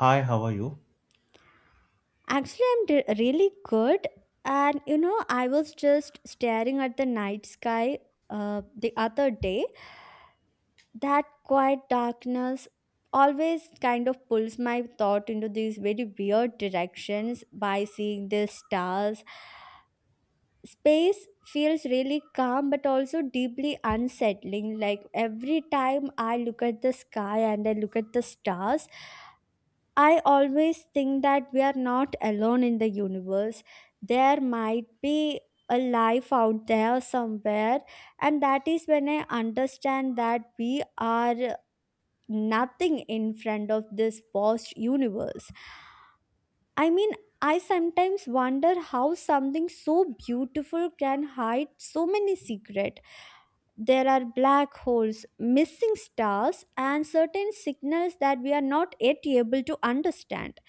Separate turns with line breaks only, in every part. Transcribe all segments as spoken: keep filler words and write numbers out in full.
Hi, how are you?
Actually, I'm d- really good. And you know, I was just staring at the night sky uh, the other day. That quiet darkness always kind of pulls my thought into these very weird directions by seeing the stars. Space feels really calm but also deeply unsettling. Like every time I look at the sky and I look at the stars, I always think that we are not alone in the universe. There might be a life out there somewhere, and that is when I understand that we are nothing in front of this vast universe. I mean, I sometimes wonder how something so beautiful can hide so many secrets. There are black holes, missing stars, and certain signals that we are not yet able to understand.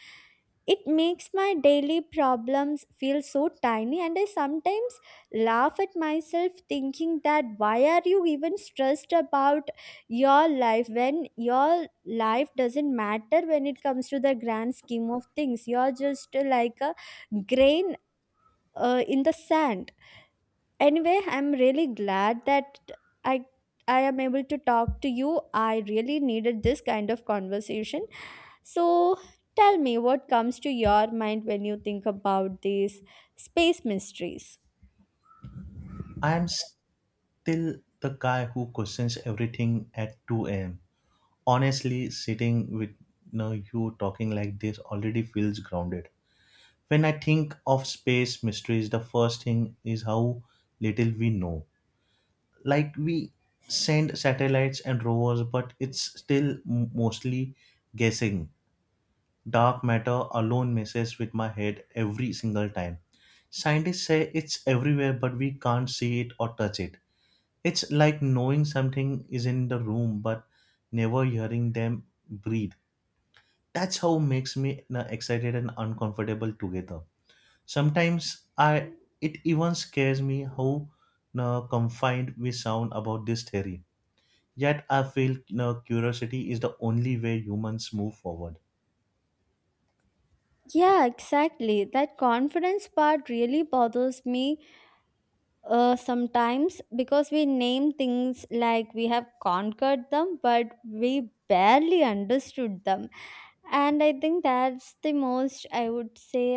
It makes my daily problems feel so tiny, and I sometimes laugh at myself thinking that why are you even stressed about your life when your life doesn't matter when it comes to the grand scheme of things you're just uh, like a grain uh, in the sand. Anyway, I'm really glad that i i am able to talk to you. I really needed this kind of conversation. So tell me what comes to your mind when you think about these space mysteries.
I am still the guy who questions everything at two a m. Honestly, sitting with you, know, you talking like this already feels grounded. When I think of space mysteries, the first thing is how little we know. Like, we send satellites and rovers, but it's still m- mostly guessing. Dark matter alone messes with my head every single time. Scientists say it's everywhere, but we can't see it or touch it. It's like knowing something is in the room but never hearing them breathe. That's how makes me na- excited and uncomfortable together. Sometimes I it even scares me how na, confined we sound about this theory. Yet I feel na, curiosity is the only way humans move forward.
Yeah, exactly, that confidence part really bothers me. Uh, sometimes because we name things like we have conquered them, but we barely understood them. And I think that's the most, I would say,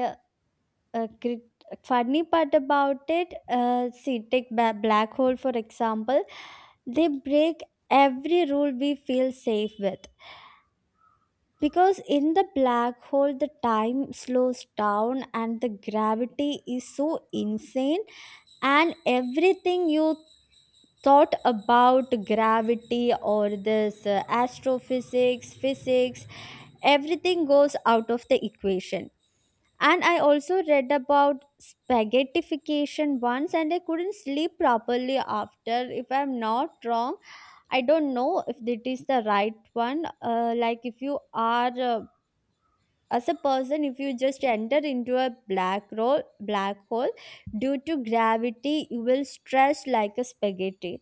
a crit- funny part about it. Uh, see, take ba- black hole for example, they break every rule we feel safe with. Because in the black hole, the time slows down and the gravity is so insane and everything you thought about gravity or this uh, astrophysics, physics, everything goes out of the equation. And I also read about spaghettification once, and I couldn't sleep properly after. If I'm not wrong, I don't know if it is the right one. Uh, like if you are uh, as a person, if you just enter into a black hole black hole due to gravity, you will stretch like a spaghetti.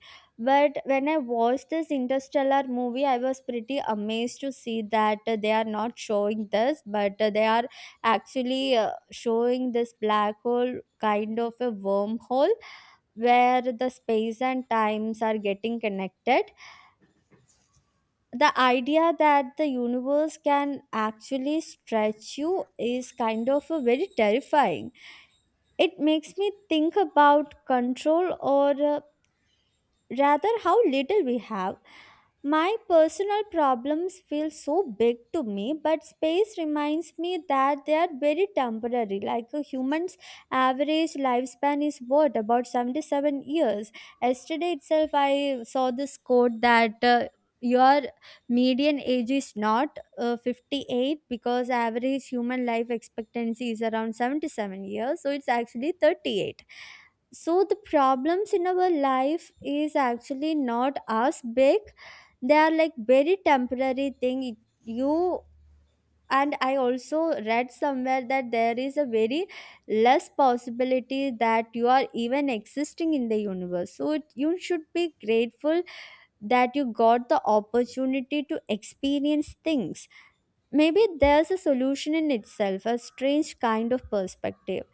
But when I watched this Interstellar movie, I was pretty amazed to see that uh, they are not showing this, but uh, they are actually uh, showing this black hole kind of a wormhole where the space and times are getting connected. The idea that the universe can actually stretch you is kind of a very terrifying. It makes me think about control or uh, rather how little we have. My personal problems feel so big to me, but space reminds me that they are very temporary. Like a human's average lifespan is what about seventy-seven years. Yesterday itself, I saw this quote that uh, your median age is not uh, fifty-eight because average human life expectancy is around seventy-seven years, so it's actually thirty-eight. So the problems in our life is actually not as big. They are like very temporary thing. It- you And I also read somewhere that there is a very less possibility that you are even existing in the universe, so it, you should be grateful that you got the opportunity to experience things. Maybe there's a solution in itself, a strange kind of perspective.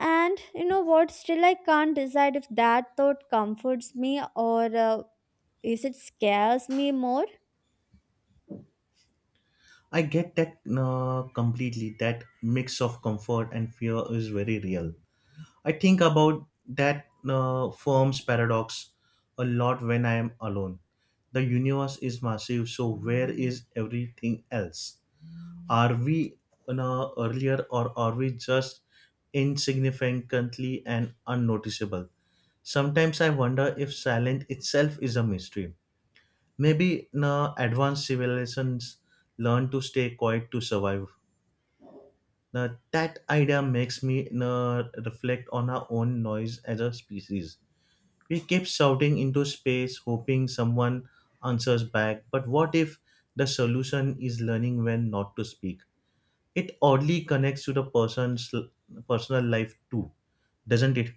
And you know what, still I can't decide if that thought comforts me or uh, is it scares me more.
I get that na, completely. That mix of comfort and fear is very real. I think about that uh, firm's paradox a lot when I am alone. The universe is massive, so where is everything else? Are we you know, earlier or are we just insignificantly and unnoticeable? Sometimes I wonder if silence itself is a mystery. Maybe na advanced civilizations learn to stay quiet to survive. Now, that idea makes me na reflect on our own noise as a species. We keep shouting into space, hoping someone answers back. But what if the solution is learning when not to speak? It oddly connects to the person's personal life too, doesn't it?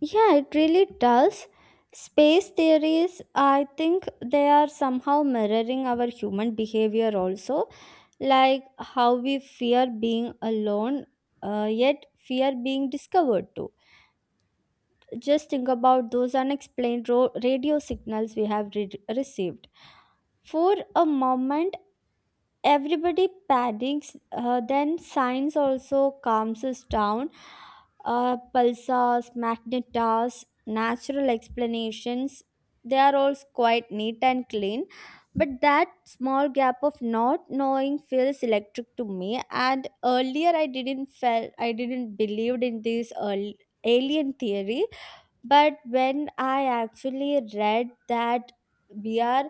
Yeah, it really does. Space theories, I think they are somehow mirroring our human behavior also, like how we fear being alone, uh, yet fear being discovered too. Just think about those unexplained ro- radio signals we have re- received. For a moment, everybody panics, uh, then science also calms us down, uh, pulsars, magnetas, natural explanations, they are all quite neat and clean. But that small gap of not knowing feels electric to me. And earlier i didn't felt I didn't believed in this earl- alien theory, but when I actually read that we are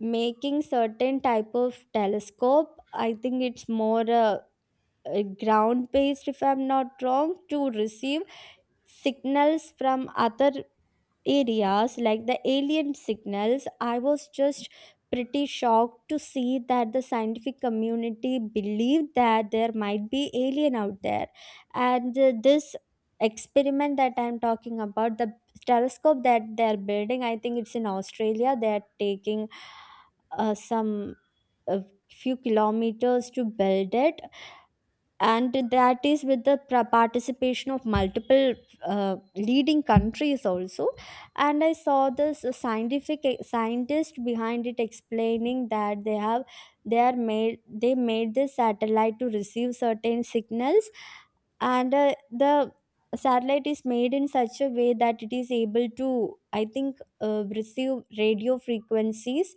making certain type of telescope, I think it's more uh, uh, ground based, if I'm not wrong, to receive signals from other areas, like the alien signals, I was just pretty shocked to see that the scientific community believed that there might be alien out there. And uh, this experiment that I'm talking about, the telescope that they're building, I think it's in Australia. They're taking uh, some a few kilometers to build it, and that is with the pra- participation of multiple uh, leading countries also. And I saw this scientific eh, scientist behind it explaining that they have they are made they made this satellite to receive certain signals. And uh, the satellite is made in such a way that it is able to, I think, uh, receive radio frequencies.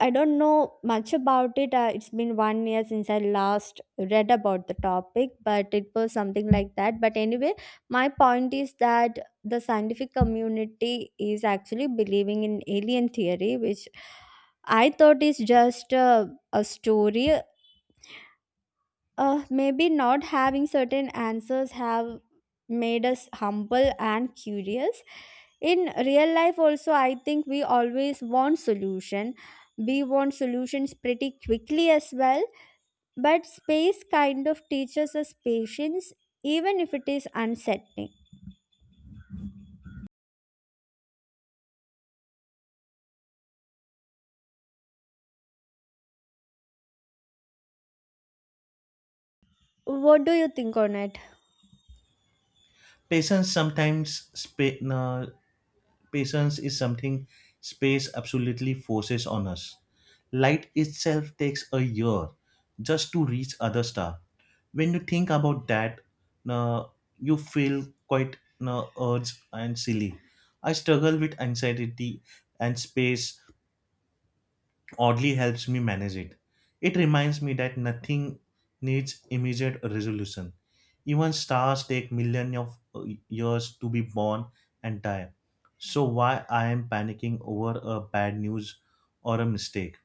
I don't know much about it. Uh, it's been one year since I last read about the topic, but it was something like that. But anyway, my point is that the scientific community is actually believing in alien theory, which I thought is just a, a story. Uh, maybe not having certain answers have made us humble and curious. In real life also, I think we always want solution. We want solutions pretty quickly as well. But space kind of teaches us patience, even if it is unsettling. What do you think on it?
Patience sometimes spa- uh, Patience is something space absolutely forces on us. Light itself takes a year just to reach other star. When you think about that, uh, you feel quite uh, urge and silly. I struggle with anxiety and space oddly helps me manage it. It reminds me that nothing needs immediate resolution. Even stars take millions of uh, years to be born and die. So why I am panicking over a bad news or a mistake?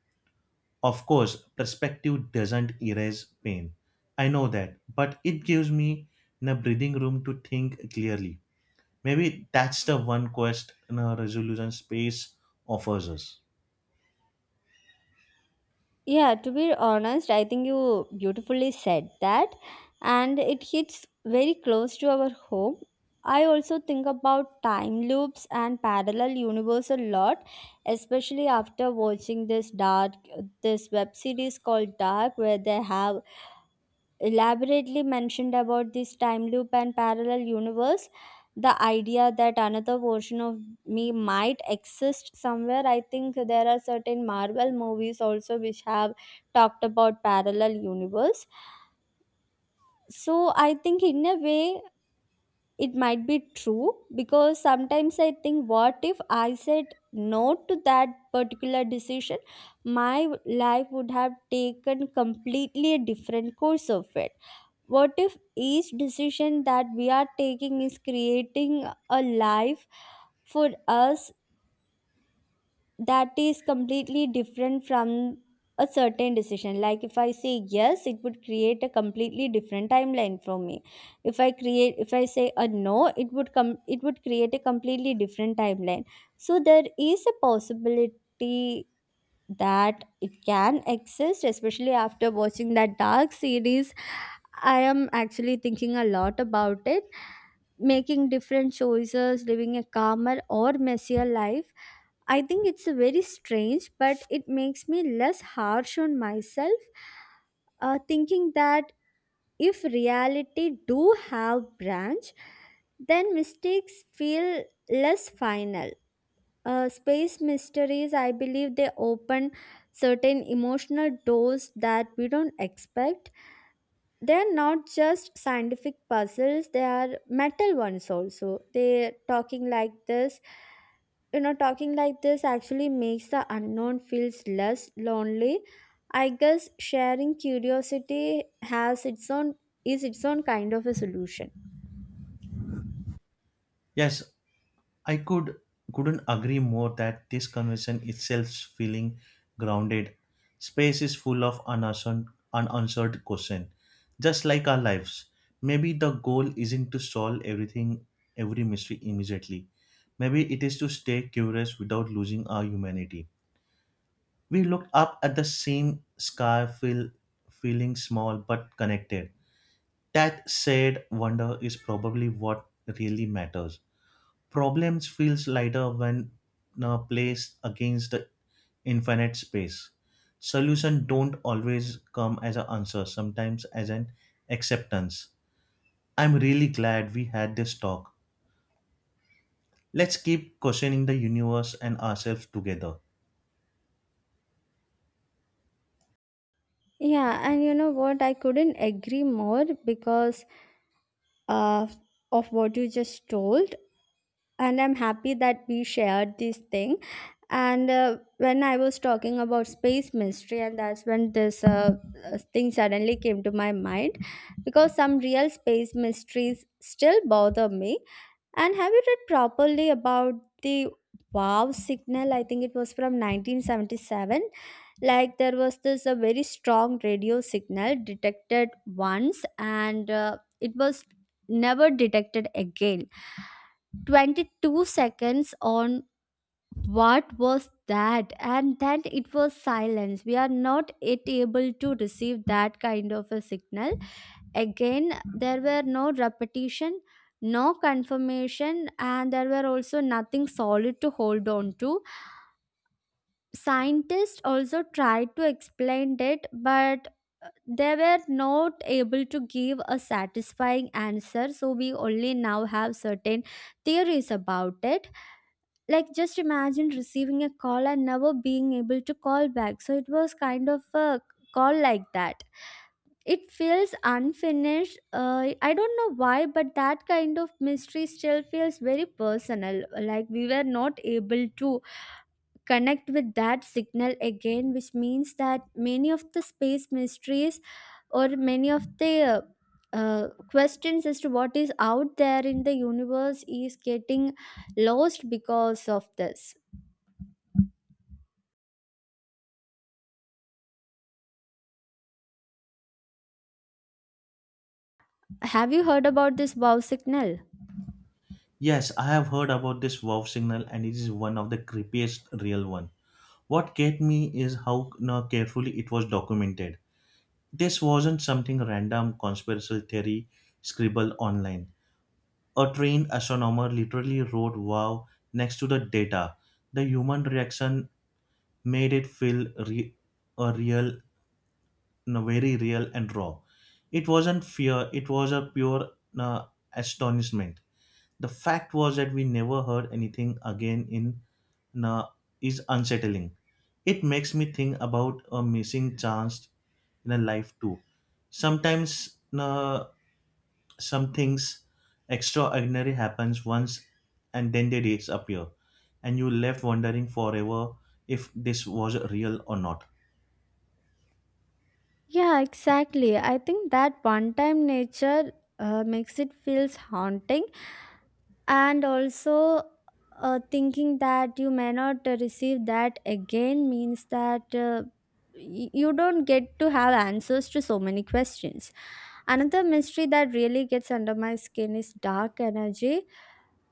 Of course, perspective doesn't erase pain. I know that, but it gives me a breathing room to think clearly. Maybe that's the one quest in a resolution space offers us.
Yeah, to be honest, I think you beautifully said that, and it hits very close to our home. I also think about time loops and parallel universe a lot, especially after watching this dark this web series called Dark, where they have elaborately mentioned about this time loop and parallel universe. The idea that another version of me might exist somewhere. I think there are certain Marvel movies also which have talked about parallel universe. So I think in a way it might be true, because sometimes I think, what if I said no to that particular decision? My life would have taken completely a different course of it. What if each decision that we are taking is creating a life for us that is completely different from a certain decision? Like, if I say yes, it would create a completely different timeline for me. If i create if I say a no, it would come it would create a completely different timeline. So there is a possibility that it can exist. Especially after watching that Dark series, I am actually thinking a lot about it, making different choices, living a calmer or messier life. I think it's a very strange, but it makes me less harsh on myself, uh, thinking that if reality do have branch, then mistakes feel less final. Uh, space mysteries, I believe they open certain emotional doors that we don't expect. They are not just scientific puzzles, they are metal ones also. They talking like this you know Talking like this actually makes the unknown feels less lonely. I guess sharing curiosity has its own is its own kind of a solution.
Yes, I could couldn't agree more that this conversation itself is feeling grounded. Space is full of unanswered, unanswered questions, just like our lives. Maybe the goal isn't to solve everything, every mystery immediately. Maybe it is to stay curious without losing our humanity. We looked up at the same sky, feel, feeling small but connected. That said, wonder is probably what really matters. Problems feels lighter when uh, placed against the infinite space. Solution don't always come as an answer, sometimes as an acceptance. I'm really glad we had this talk. Let's keep questioning the universe and ourselves together.
Yeah, and you know what, I couldn't agree more, because uh, of what you just told. And I'm happy that we shared this thing. And uh, when I was talking about space mystery, and that's when this uh, uh, thing suddenly came to my mind, because some real space mysteries still bother me. And have you read properly about the wow signal? I think it was from nineteen seventy-seven. Like there was this a very strong radio signal detected once, and uh, it was never detected again. twenty-two seconds on, what was that? And then it was silence. We are not yet able to receive that kind of a signal again. There were no repetition, no confirmation, and there were also nothing solid to hold on to. Scientists also tried to explain it, but they were not able to give a satisfying answer, so we only now have certain theories about it. Like, just imagine receiving a call and never being able to call back. So it was kind of a call like that. It feels unfinished. uh, I don't know why, but that kind of mystery still feels very personal. Like we were not able to connect with that signal again, which means that many of the space mysteries or many of the uh, uh, questions as to what is out there in the universe is getting lost because of this. Have you heard about this wow signal?
Yes, I have heard about this wow signal and it is one of the creepiest real one. What get me is how uh, carefully it was documented. This wasn't something random conspiracy theory scribble online. A trained astronomer literally wrote wow next to the data. The human reaction made it feel re- a real, no, very real and raw. It wasn't fear, it was a pure uh, astonishment. The fact was that we never heard anything again in uh, is unsettling. It makes me think about a missing chance in a life too. Sometimes uh, some things extraordinary happens once and then they disappear, and you left wondering forever if this was real or not.
Yeah, exactly. I think that one time nature uh, makes it feels haunting. And also, uh, thinking that you may not uh, receive that again means that, uh, y- you don't get to have answers to so many questions. Another mystery that really gets under my skin is dark energy,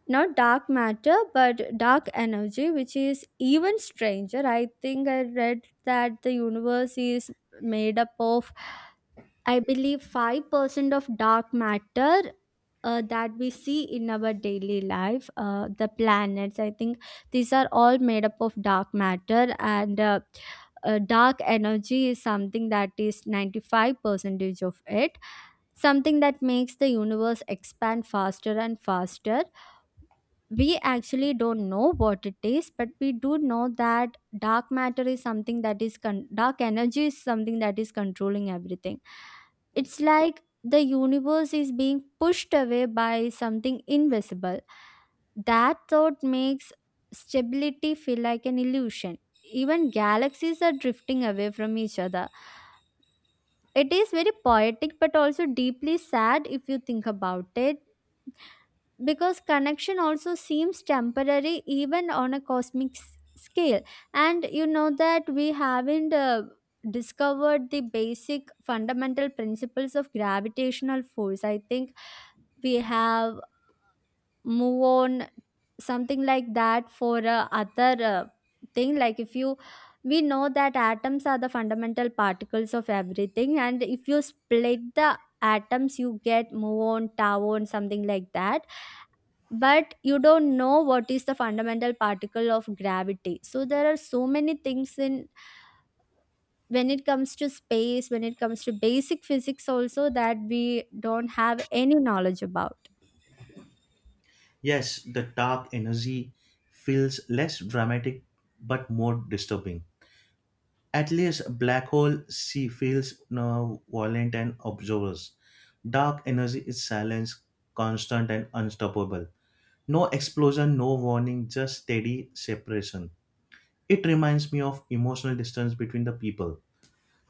not dark matter but dark energy, which is even stranger. I think I read that the universe is made up of, I believe, five percent of dark matter, uh, that we see in our daily life, uh, the planets, I think these are all made up of dark matter, and uh, uh, dark energy is something that is ninety-five percentage of it, something that makes the universe expand faster and faster. We actually don't know what it is, but we do know that dark matter is something that is con- dark energy is something that is controlling everything. It's like the universe is being pushed away by something invisible. That thought makes stability feel like an illusion. Even galaxies are drifting away from each other. It is very poetic but also deeply sad if you think about it, because connection also seems temporary even on a cosmic s- scale. And you know that we haven't uh, discovered the basic fundamental principles of gravitational force. I think we have move on something like that for uh, other uh, thing. Like if you we know that atoms are the fundamental particles of everything, and if you split the atoms you get muon, tau, and something like that. But you don't know what is the fundamental particle of gravity, so there are so many things in when it comes to space, when it comes to basic physics also, that we don't have any knowledge about.
Yes, the dark energy feels less dramatic but more disturbing. At least a black hole C feels no violent and observers. Dark energy is silence, constant and unstoppable. No explosion, no warning, just steady separation. It reminds me of emotional distance between the people.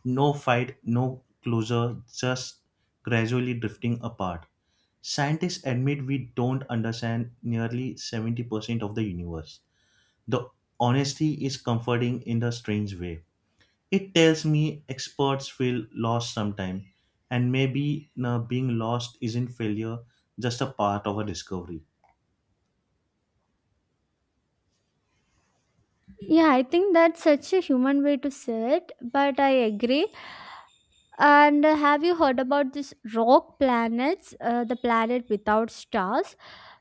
No fight, no closure, just gradually drifting apart. Scientists admit we don't understand nearly seventy percent of the universe. The honesty is comforting in a strange way. It tells me experts feel lost sometimes, and maybe uh, being lost isn't failure, just a part of a discovery.
Yeah, I think that's such a human way to say it, but I agree. And uh, have you heard about this rock planets, uh, the planet without stars?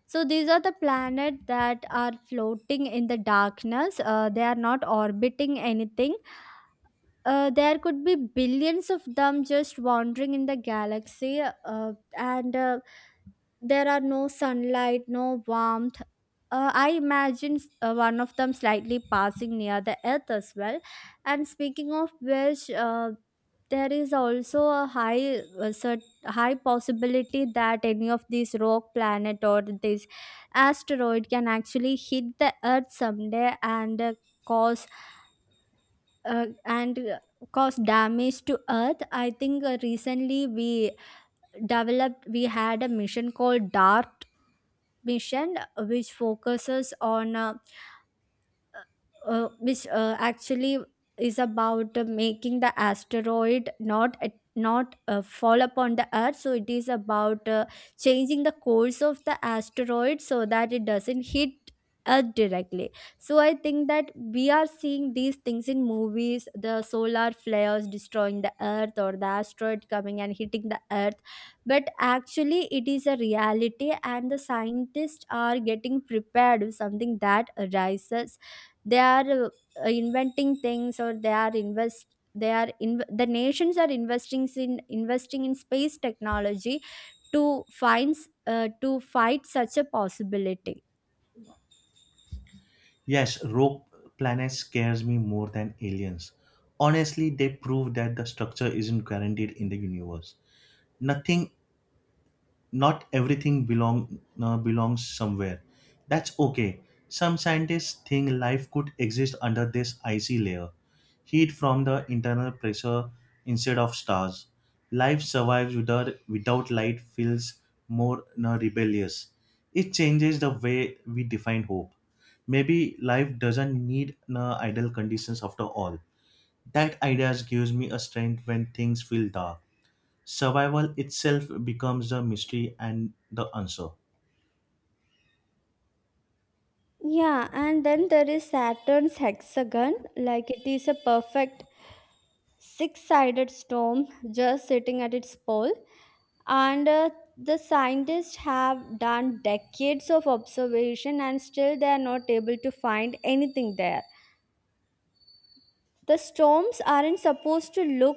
So these are the planets that are floating in the darkness. Uh, they are not orbiting anything. Uh, there could be billions of them just wandering in the galaxy, uh, and uh, there are no sunlight, no warmth. Uh, I imagine uh, one of them slightly passing near the Earth as well. And speaking of which, uh, there is also a high a cert- high possibility that any of these rock planet or this asteroid can actually hit the Earth someday and uh, cause uh, and uh, cause damage to Earth. I think uh, recently we developed we had a mission called DART mission, uh, which focuses on uh, uh, uh, which uh, actually is about uh, making the asteroid not at not uh, fall upon the Earth. So it is about uh, changing the course of the asteroid so that it doesn't hit Earth directly. So I think that we are seeing these things in movies, the solar flares destroying the Earth or the asteroid coming and hitting the Earth, but actually it is a reality, and the scientists are getting prepared if something that arises. They are uh, inventing things, or they are invest they are in the nations are investing in investing in space technology to find s- uh, to fight such a possibility.
Yes, rogue planets scares me more than aliens. Honestly, they prove that the structure isn't guaranteed in the universe. Nothing not everything belong uh, belongs somewhere. That's okay. Some scientists think life could exist under this icy layer, heat from the internal pressure instead of stars. Life survives without, without light feels more uh, rebellious. It changes the way we define hope. Maybe life doesn't need uh, ideal conditions after all. That idea gives me a strength when things feel dark. Survival itself becomes the mystery and the answer.
Yeah, and then there is Saturn's hexagon, like it is a perfect six sided storm just sitting at its pole. And uh, the scientists have done decades of observation, and still they are not able to find anything there. The storms aren't supposed to look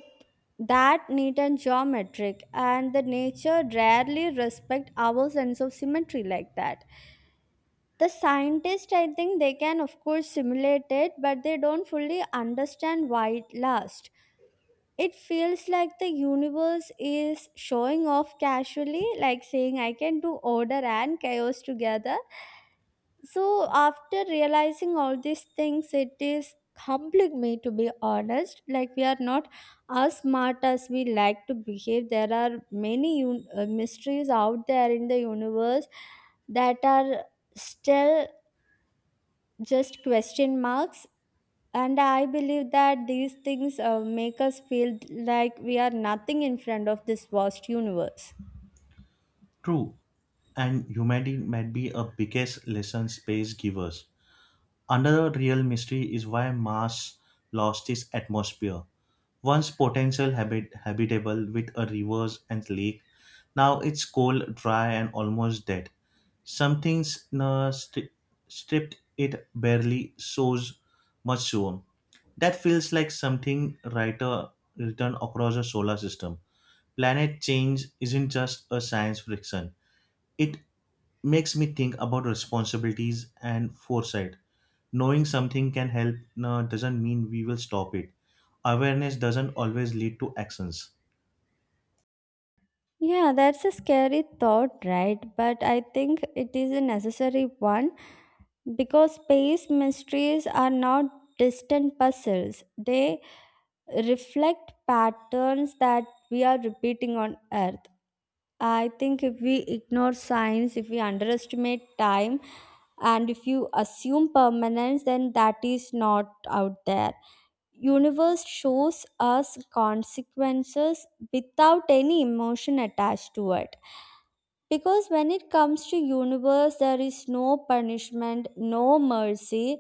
that neat and geometric, and the nature rarely respect our sense of symmetry like that. The scientists, I think, they can of course simulate it, but they don't fully understand why it lasts. It feels like the universe is showing off casually, like saying I can do order and chaos together. So after realizing all these things, it is humbling me to be honest. Like we are not as smart as we like to behave. There are many un- uh, mysteries out there in the universe that are still just question marks. And I believe that these things uh, make us feel like we are nothing in front of this vast universe.
True, and humanity might be a biggest lesson space givers. Another real mystery is why Mars lost its atmosphere. Once potential habit- habitable with a rivers and lake, now it's cold, dry, and almost dead. Something's uh, stri- stripped it barely shows much soon. That feels like something writer written across the solar system. Planet change isn't just a science fiction. It makes me think about responsibilities and foresight. Knowing something can help uh, doesn't mean we will stop it. Awareness doesn't always lead to actions.
Yeah, that's a scary thought, right? But I think it is a necessary one, because space mysteries are not distant puzzles. They reflect patterns that we are repeating on Earth. I think if we ignore science, if we underestimate time, and if you assume permanence, then that is not out there. Universe shows us consequences without any emotion attached to it, because when it comes to universe there is no punishment, no mercy,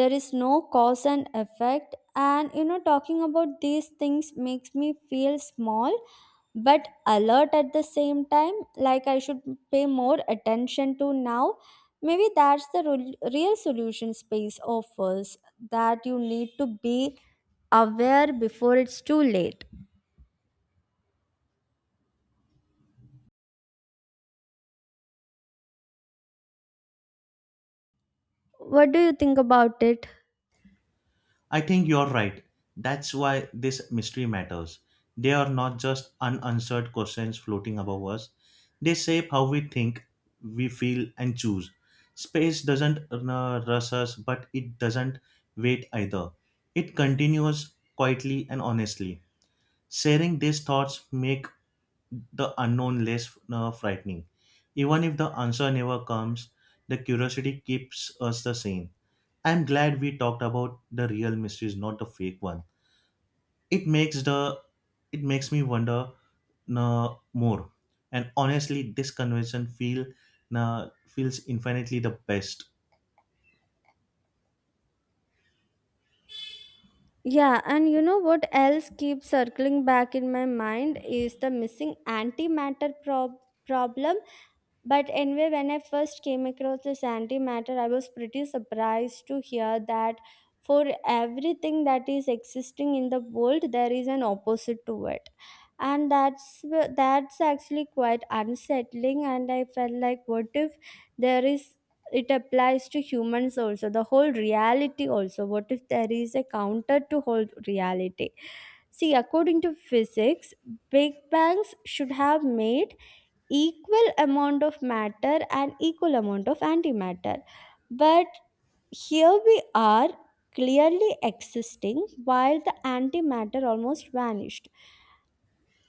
there is no cause and effect. And you know, talking about these things makes me feel small but alert at the same time. Like I should pay more attention to now. Maybe that's the rel- real solution space offers, that you need to be aware before it's too late. What do you think about it?
I think you're right. That's why this mystery matters. They are not just unanswered questions floating above us, they shape how we think, we feel, and choose. Space doesn't uh, rush us, but it doesn't wait either. It continues quietly and honestly. Sharing these thoughts make the unknown less uh, frightening. Even if the answer never comes, the curiosity keeps us the same. I'm glad we talked about the real mysteries, not the fake one. It makes the it makes me wonder uh, more. And honestly, this conversation feel uh, feels infinitely the best.
Yeah, and you know what else keeps circling back in my mind is the missing antimatter prob- problem. But anyway, when I first came across this antimatter, I was pretty surprised to hear that for everything that is existing in the world, there is an opposite to it. And that's wh- that's actually quite unsettling. And I felt like, what if there is it applies to humans also, the whole reality also. What if there is a counter to whole reality? See, according to physics, big bangs should have made equal amount of matter and equal amount of antimatter. But here we are clearly existing while the antimatter almost vanished.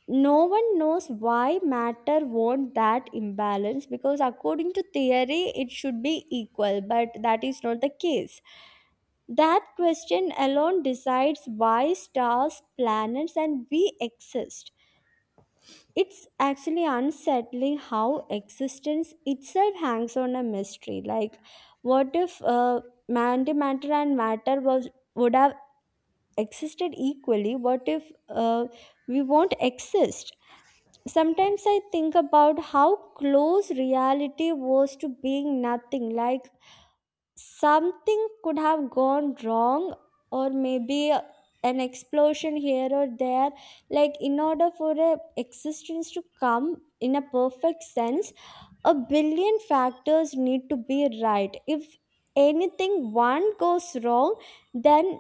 No one knows why matter won that imbalance, because according to theory, it should be equal, but that is not the case. That question alone decides why stars, planets, and we exist. It's actually unsettling how existence itself hangs on a mystery. Like, what if uh, antimatter and matter was would have existed equally? What if uh, we won't exist? Sometimes I think about how close reality was to being nothing. Like something could have gone wrong, or maybe a- an explosion here or there, like in order for a existence to come in a perfect sense, a billion factors need to be right. If anything one goes wrong, then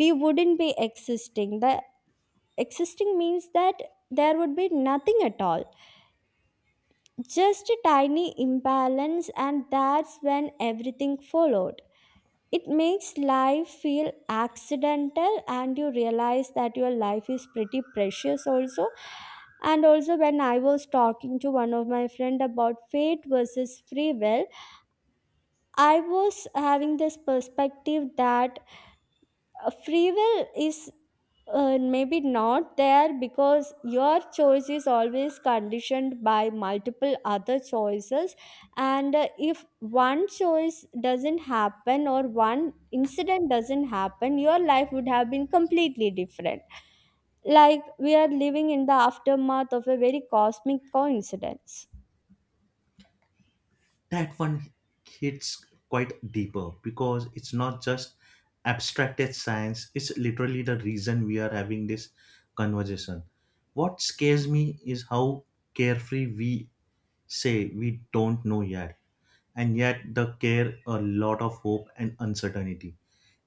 we wouldn't be existing. The existing means that there would be nothing at all. Just a tiny imbalance, and that's when everything followed. It makes life feel accidental, and you realize that your life is pretty precious also. And also, when I was talking to one of my friend about fate versus free will, I was having this perspective that uh, free will is uh, maybe not there, because your choice is always conditioned by multiple other choices. And uh, if one choice doesn't happen, or one incident doesn't happen, your life would have been completely different. Like we are living in the aftermath of a very cosmic coincidence.
That one hits quite deeper because it's not just abstracted science, it's literally the reason we are having this conversation. What scares me is how carefree we say we don't know yet, and yet the care a lot of hope and uncertainty.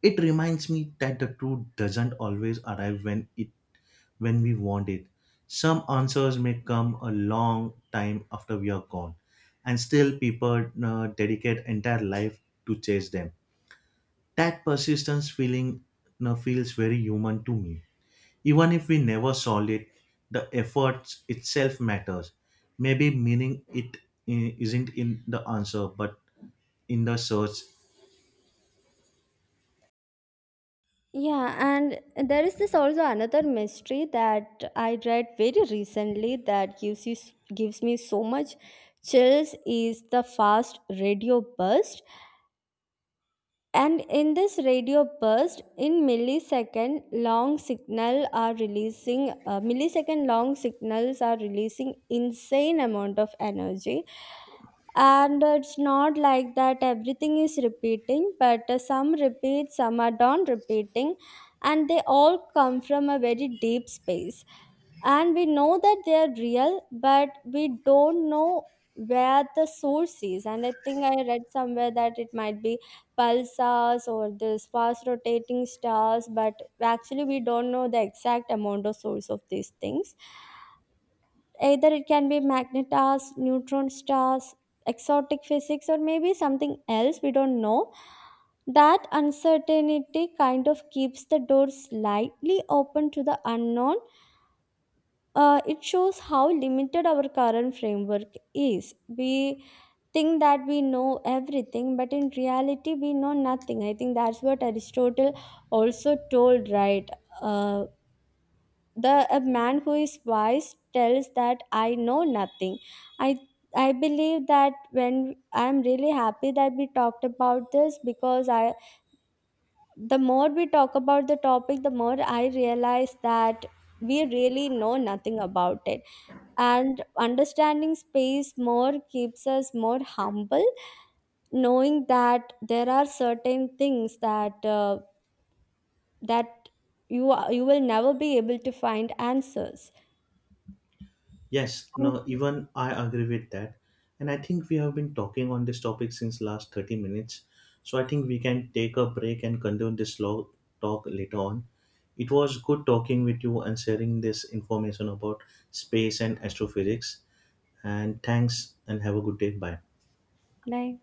It reminds me that the truth doesn't always arrive when it when we want it. Some answers may come a long time after we are gone, and still people uh, dedicate entire life to chase them. That persistence feeling uh, feels very human to me. Even if we never solve it, the effort itself matters. Maybe meaning it i- isn't in the answer, but in the search.
Yeah, and there is this also another mystery that I read very recently that gives you gives me so much chills is the fast radio burst. And in this radio burst, in millisecond long signal are releasing uh, millisecond long signals are releasing insane amount of energy. And it's not like that everything is repeating, but uh, some repeat, some are don't repeating, and they all come from a very deep space. And we know that they are real, but we don't know where the source is. And I think I read somewhere that it might be pulsars or this fast rotating stars, but actually we don't know the exact amount or source of these things. Either it can be magnetars, neutron stars, exotic physics, or maybe something else we don't know. That uncertainty kind of keeps the door slightly open to the unknown. Uh, it shows how limited our current framework is. We think that we know everything, but in reality we know nothing. I think that's what Aristotle also told, right? Uh, the a man who is wise tells that I know nothing. I i believe that when I'm really happy that we talked about this, because I the more we talk about the topic, the more I realize that we really know nothing about it. And understanding space more keeps us more humble, knowing that there are certain things that uh, that you are, you will never be able to find answers.
Yes,
And
no, even I agree with that. And I think we have been talking on this topic since last thirty minutes. So I think we can take a break and continue this lo- talk later on. It was good talking with you and sharing this information about space and astrophysics. And thanks and have a good day. Bye.
bye.